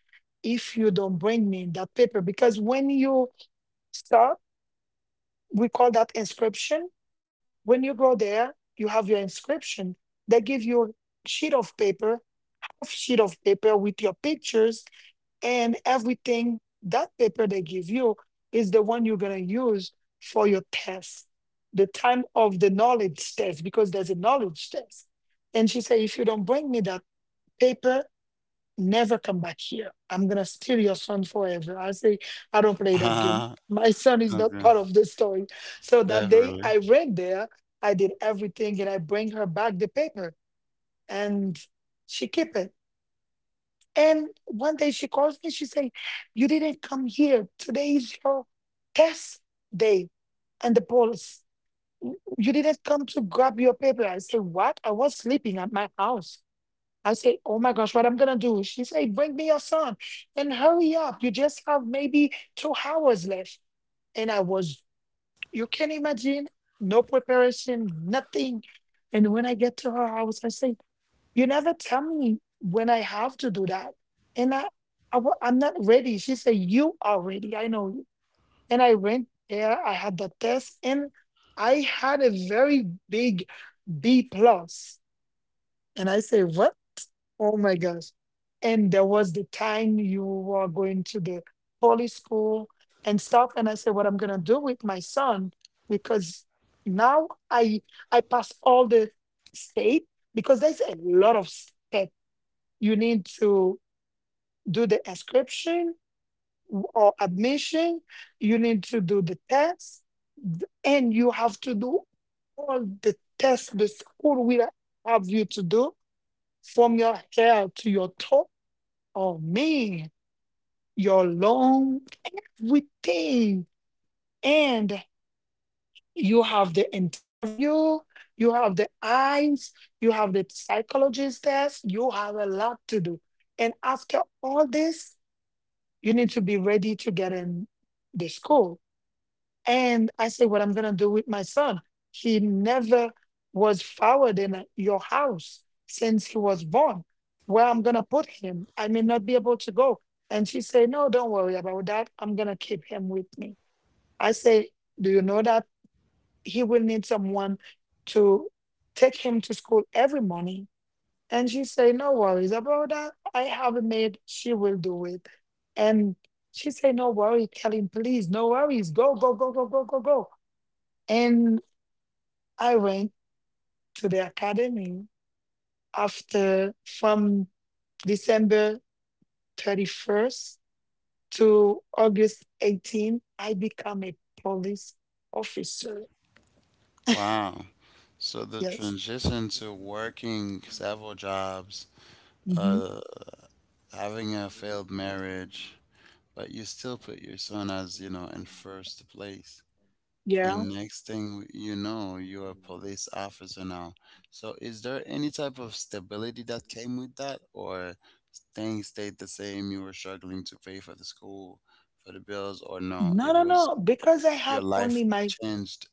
Speaker 2: if you don't bring me that paper, because when you start, we call that inscription. When you go there, you have your inscription. They give you a sheet of paper, half sheet of paper with your pictures and everything. That paper they give you is the one you're gonna use for your test, the time of the knowledge test, because there's a knowledge test. And she said, if you don't bring me that paper, never come back here. I'm gonna steal your son forever. I say, I don't play that game.
Speaker 1: Uh,
Speaker 2: My son is not
Speaker 1: okay.
Speaker 2: part of the story. So that day
Speaker 1: Definitely.
Speaker 2: I ran there, I did everything and I bring her back the paper, and she keep it. And one day she calls me, she say, you didn't come here. Today is your test day and the police. You didn't come to grab your paper. I say, what? I was sleeping at my house. I said, oh my gosh, what I'm gonna do? She said, bring me your son and hurry up. You just have maybe two hours left. And I was, you can imagine, no preparation, nothing. And when I get to her house, I say, you never tell me when I have to do that. And I, I wa- I'm not ready. She said, you are ready. I know you. And I went there, I had the test, and I had a very big B plus. And I say, what? Oh my gosh. And there was the time you were going to the poly school and stuff. And I said, what I'm gonna do with my son, because now I I pass all the state because there's a lot of step. You need to do the inscription w- or admission, you need to do the test, th- and you have to do all the tests the school will have you to do from your hair to your toe. Oh man, your long everything. And you have the interview, you have the eyes, you have the psychologist test, you have a lot to do. And after all this, you need to be ready to get in the school. And I say, what I'm going to do with my son. He never was forward in a- your house since he was born. Where I'm going to put him, I may not be able to go. And she said, no, don't worry about that. I'm going to keep him with me. I say, do you know that he will need someone to take him to school every morning? And she said, no worries about that. I have a maid. She will do it. And she said, no worry, Kelly, please, no worries. Go, go, go, go, go, go, go. And I went to the academy after from December thirty-first to August eighteenth. I become a police officer.
Speaker 1: Wow. So the
Speaker 2: Yes.
Speaker 1: transition to working several jobs,
Speaker 2: Mhm.
Speaker 1: uh, having a failed marriage, but you still put your son as, you know, in first place.
Speaker 2: Yeah.
Speaker 1: And next thing you know, you're a police officer now. So, is there any type of stability that came with that, or things stayed the same? You were struggling to pay for the school, for the bills, or no?
Speaker 2: No,
Speaker 1: It
Speaker 2: no,
Speaker 1: was
Speaker 2: no. Because I
Speaker 1: your
Speaker 2: had only
Speaker 1: life
Speaker 2: my
Speaker 1: changed.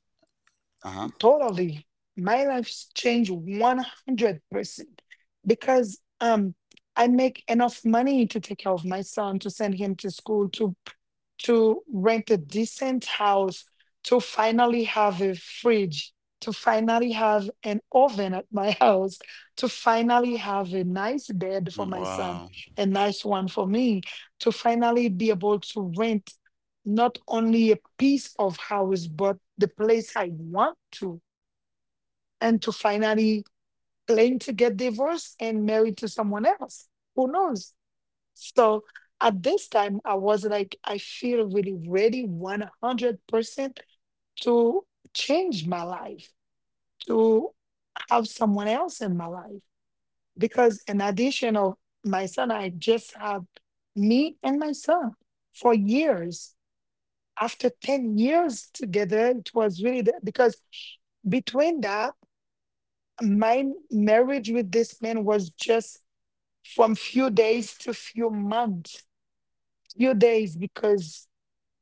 Speaker 1: Uh huh.
Speaker 2: totally my life's changed one hundred percent because um I make enough money to take care of my son, to send him to school, to to rent a decent house, to finally have a fridge, to finally have an oven at my house, to finally have a nice bed for my son,
Speaker 1: Wow.
Speaker 2: a nice one for me, to finally be able to rent not only a piece of house but the place I want to, and to finally claim to get divorced and married to someone else. Who knows? So at this time, I was like, I feel really ready one hundred percent to change my life, to have someone else in my life. Because in addition of my son, I just had me and my son for years. After ten years together, it was really the, because between that my marriage with this man was just from few days to few months. Few days because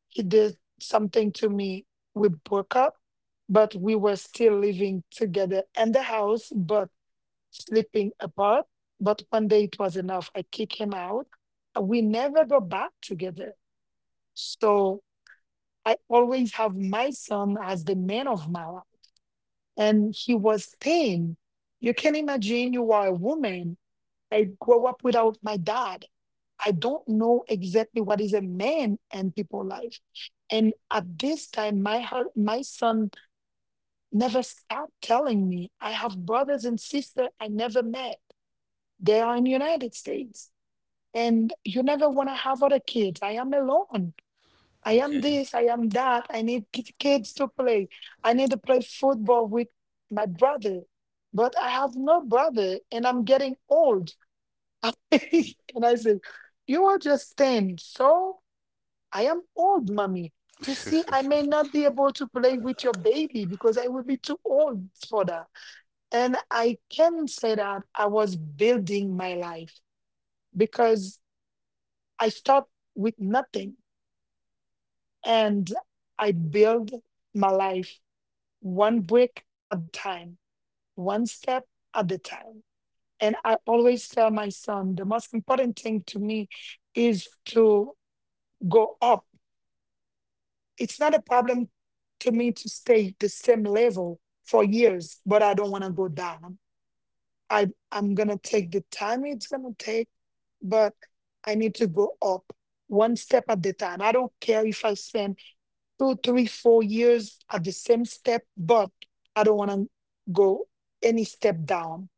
Speaker 2: he did something to me, we broke up, but we were still living together in the house but sleeping apart. But one day it was enough, I kicked him out. Uh, we never go back together. So I always have my son as the man of my life, and he was ten. You can imagine, you are a woman. I grow up without my dad. I don't know exactly what is a man and people life. And at this time, my heart, my son never stopped telling me. I have brothers and sisters I never met. They are in the United States. And you never want to have other kids. I am alone. I am
Speaker 1: Okay.
Speaker 2: this, I am that. I need ki- kids to play. I need to play football with my brother. But I have no brother and I'm getting old. And I said, you are just ten. So I am old, mommy. You see, I may not be able to play with your baby because I will be too old for that. And I can say that I was building my life because I start with nothing and I build my life one brick at the time, one step at the time. And I always tell my son, the most important thing to me is to go up. It's not a problem to me to stay the same level for years, but I don't want to go down. I I'm gonna take the time it's gonna take, but I need to go up one step at the time. I don't care if I spend two, three, four years at the same step, but I don't want to go any step down.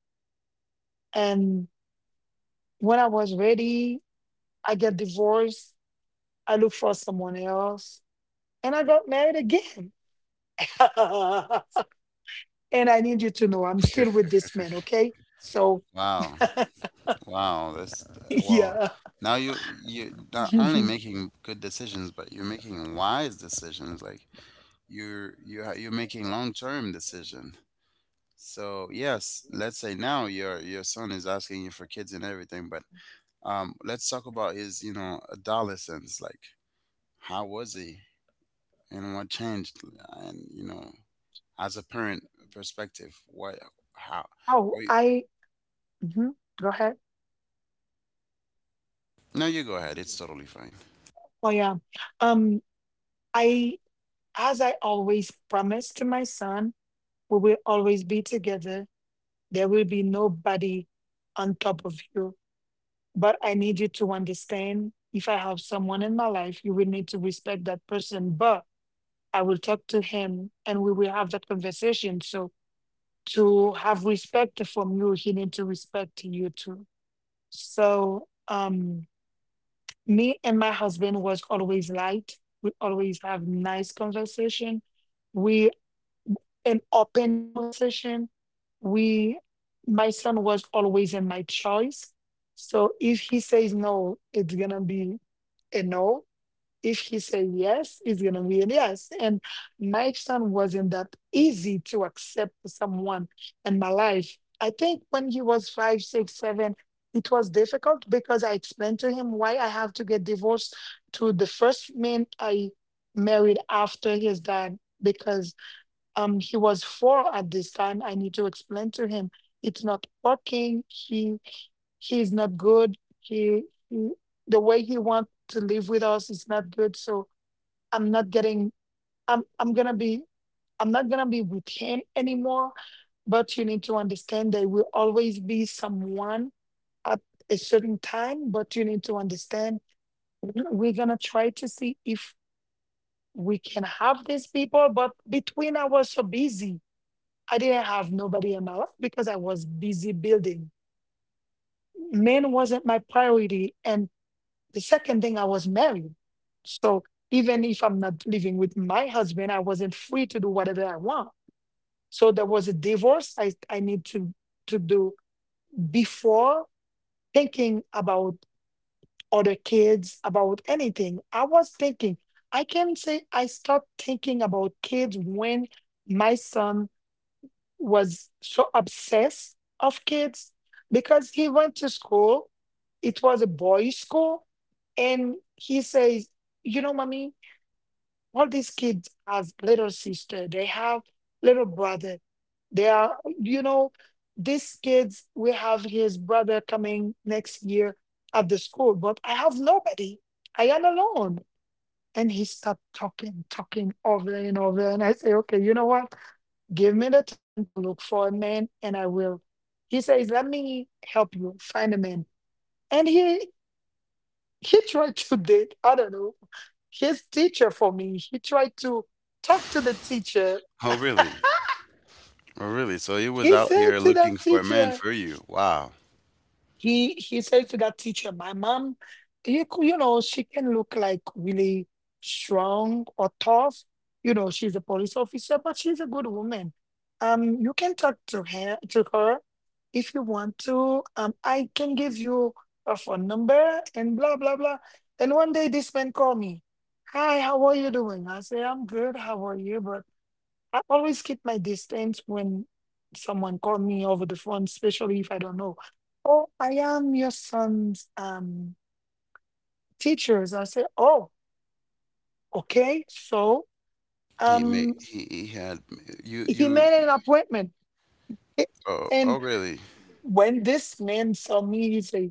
Speaker 2: And when I was ready, I get divorced. I look for someone else, and I got married again. And I need you to know I'm still with this man, okay? So,
Speaker 1: Wow. Wow. That's wow.
Speaker 2: yeah.
Speaker 1: Now you you're not only
Speaker 2: Mhm.
Speaker 1: making good decisions, but you're making wise decisions. Like, you're you're you're making long term decisions. So yes, let's say now your your son is asking you for kids and everything, but um, let's talk about his, you know, adolescence. Like, how was he and what changed, and, you know, as a parent perspective, what, how?
Speaker 2: Oh,
Speaker 1: Or you,
Speaker 2: I mhm. Go ahead.
Speaker 1: no, you go ahead. It's totally fine.
Speaker 2: Oh, yeah. Um, I, as I always promised to my son, we will always be together. There will be nobody on top of you. But I need you to understand, if I have someone in my life, you will need to respect that person. But I will talk to him and we will have that conversation. So to have respect from you, he need to respect you too. So um me and my husband was always light. We always have nice conversation. We an open conversation. We my son was always in my choice. So if he says no, it's gonna be a no. If he said yes, it's gonna be a yes. And my son wasn't that easy to accept someone in my life. I think when he was five, six, seven, it was difficult because I explained to him why I have to get divorced to the first man I married after his dad, because um he was four at this time. I need to explain to him it's not working. He he's not good. He, he the way he wants to live with us is not good. So I'm not getting I'm I'm gonna be I'm not gonna be with him anymore. But you need to understand there will always be someone at a certain time, but you need to understand we're gonna try to see if we can have these people, but between I was so busy. I didn't have nobody in my life because I was busy building. Men wasn't my priority. And the second thing, I was married. So even if I'm not living with my husband, I wasn't free to do whatever I want. So there was a divorce I, I need to, to do before thinking about other kids, about anything. I was thinking, I can say I start thinking about kids when my son was so obsessed of kids because he went to school. It was a boys' school, and he says, "You know, mommy, all these kids have little sister. They have little brother. They are, you know, these kids. We have his brother coming next year at the school, but I have nobody. I am alone." And he started talking, talking over and over. And I say, okay, you know what? Give me the time to look for a man and I will. He says, let me help you find a man. And he he tried to date, I don't know, his teacher for me. He tried to talk to the teacher.
Speaker 1: Oh really? Oh really? So he
Speaker 2: He
Speaker 1: was out
Speaker 2: said
Speaker 1: here
Speaker 2: to that
Speaker 1: looking for a man
Speaker 2: teacher,
Speaker 1: for you. Wow.
Speaker 2: He he said to that teacher, "My mom, you c- you know, she can look like really strong or tough. You know, she's a police officer, but she's a good woman. Um, you can talk to her to her if you want to. Um, I can give you her phone number and blah blah blah." And one day, this man called me. Hi, how are you doing? I say, I'm good. How are you, brother? I always keep my distance when someone call me over the phone, especially if I don't know. Oh, I am your son's um, teachers. I say, oh, okay. So
Speaker 1: He made
Speaker 2: um,
Speaker 1: he, he had you
Speaker 2: he
Speaker 1: you
Speaker 2: made an appointment.
Speaker 1: oh,
Speaker 2: And
Speaker 1: oh really.
Speaker 2: when this man saw me, he said,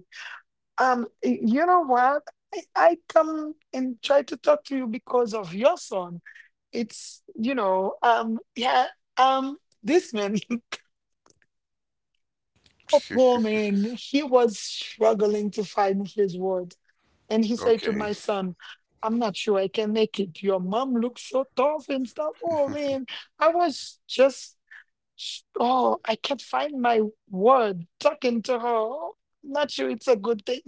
Speaker 2: um, y- you know what? I, I come and try to talk to you because of your son. It's, you know, um, yeah, um, this man. Oh poor man, he was struggling to find his word. And he said to
Speaker 1: Okay.
Speaker 2: my son, I'm not sure I can make it. Your mom looks so tough and stuff. Oh, man, I was just, oh, I can't find my word talking to her. Oh, I'm not sure it's a good thing.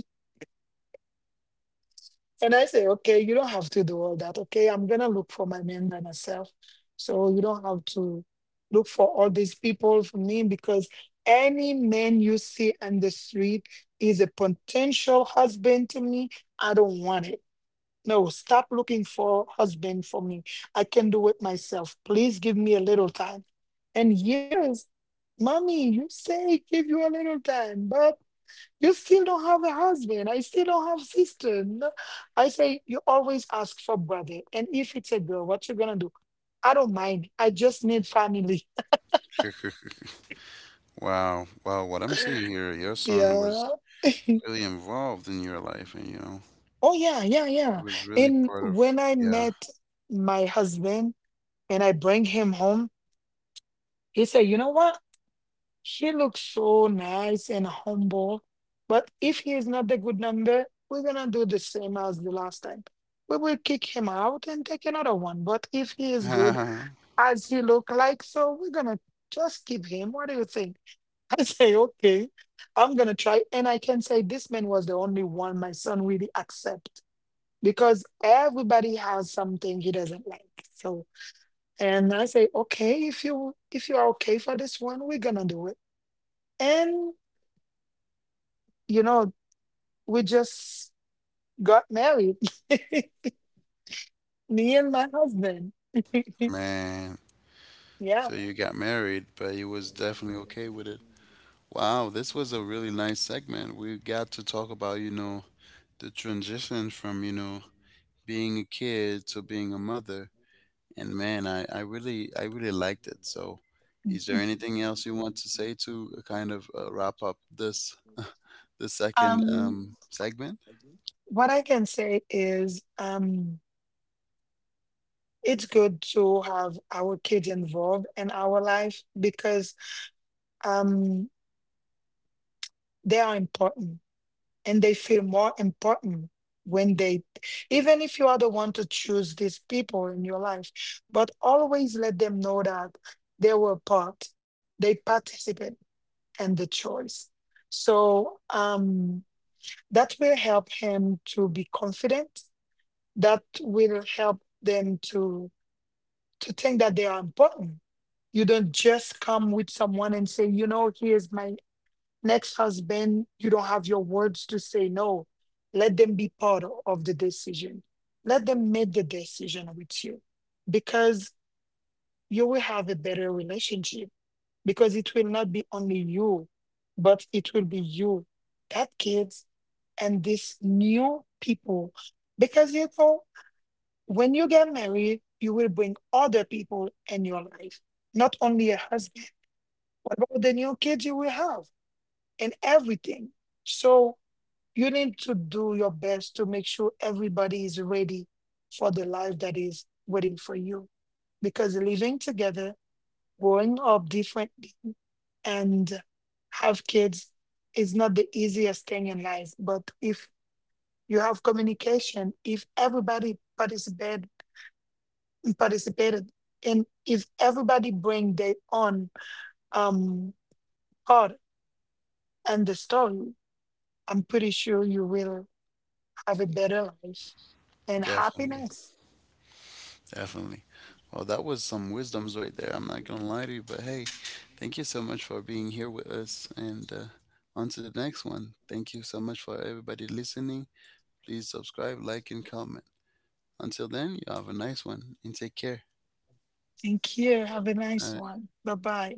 Speaker 2: And I say, okay, you don't have to do all that. Okay, I'm gonna look for my man by myself. So you don't have to look for all these people for me, because any man you see on the street is a potential husband to me. I don't want it. No, stop looking for husband for me. I can do it myself. Please give me a little time. And years, mommy, you say give you a little time, but you still don't have a husband. I still don't have sister. No. I say, you always ask for brother. And if it's a girl, what you gonna do? I don't mind. I just need family.
Speaker 1: Wow. Wow. What I'm seeing here, your son was
Speaker 2: Yeah.
Speaker 1: really involved in your life, and, you know,
Speaker 2: Oh yeah, yeah,
Speaker 1: he
Speaker 2: yeah.
Speaker 1: was really
Speaker 2: And
Speaker 1: part of,
Speaker 2: when I
Speaker 1: yeah.
Speaker 2: met my husband and I bring him home, he said, you know what? He looks so nice and humble. But if he is not a good number, we're gonna do the same as the last time. We will kick him out and take another one. But if he is good as he look like, so we're gonna just keep him. What do you think? I say, okay, I'm gonna try. And I can say this man was the only one my son really accept, because everybody has something he doesn't like. So and I say, okay, if you if you are okay for this one, we're gonna do it. And you know, we just got married. Me and my husband.
Speaker 1: Man.
Speaker 2: Yeah.
Speaker 1: So you got married, but he was definitely okay with it. Wow. This was a really nice segment. We got to talk about, you know, the transition from, you know, being a kid to being a mother. And, man, I, I really I really liked it. So, is there anything else you want to say to, uh, kind of, uh, wrap up this the second,
Speaker 2: Um,
Speaker 1: um, segment?
Speaker 2: what I can say is um it's good to have our kids involved in our life because um they are important, and they feel more important when they even if you are the one to choose these people in your life, but always let them know that they were part, they participate and the choice. So um, that will help him to be confident. That will help them to to think that they are important. You don't just come with someone and say, you know, here's my next husband. You don't have your words to say no. Let them be part o- of the decision. Let them make the decision with you, because you will have a better relationship because it will not be only you, but it will be you, that kids, and these new people. Because you know, when you get married, you will bring other people in your life, not only a husband. What about the new kids you will have and everything? So you need to do your best to make sure everybody is ready for the life that is waiting for you. Because living together, growing up differently and have kids is not the easiest thing in life, but if you have communication, if everybody participate participated, and if everybody bring their own um part and the story, I'm pretty sure you will have a better life and
Speaker 1: Definitely,
Speaker 2: happiness.
Speaker 1: definitely. Well, that was some wisdoms right there. I'm not gonna lie to you, but hey, thank you so much for being here with us. And, uh, on to the next one. Thank you so much for everybody listening. Please subscribe, like, and comment. Until then, you have a nice one and take care.
Speaker 2: Thank you, have a nice
Speaker 1: Uh,
Speaker 2: one, bye bye.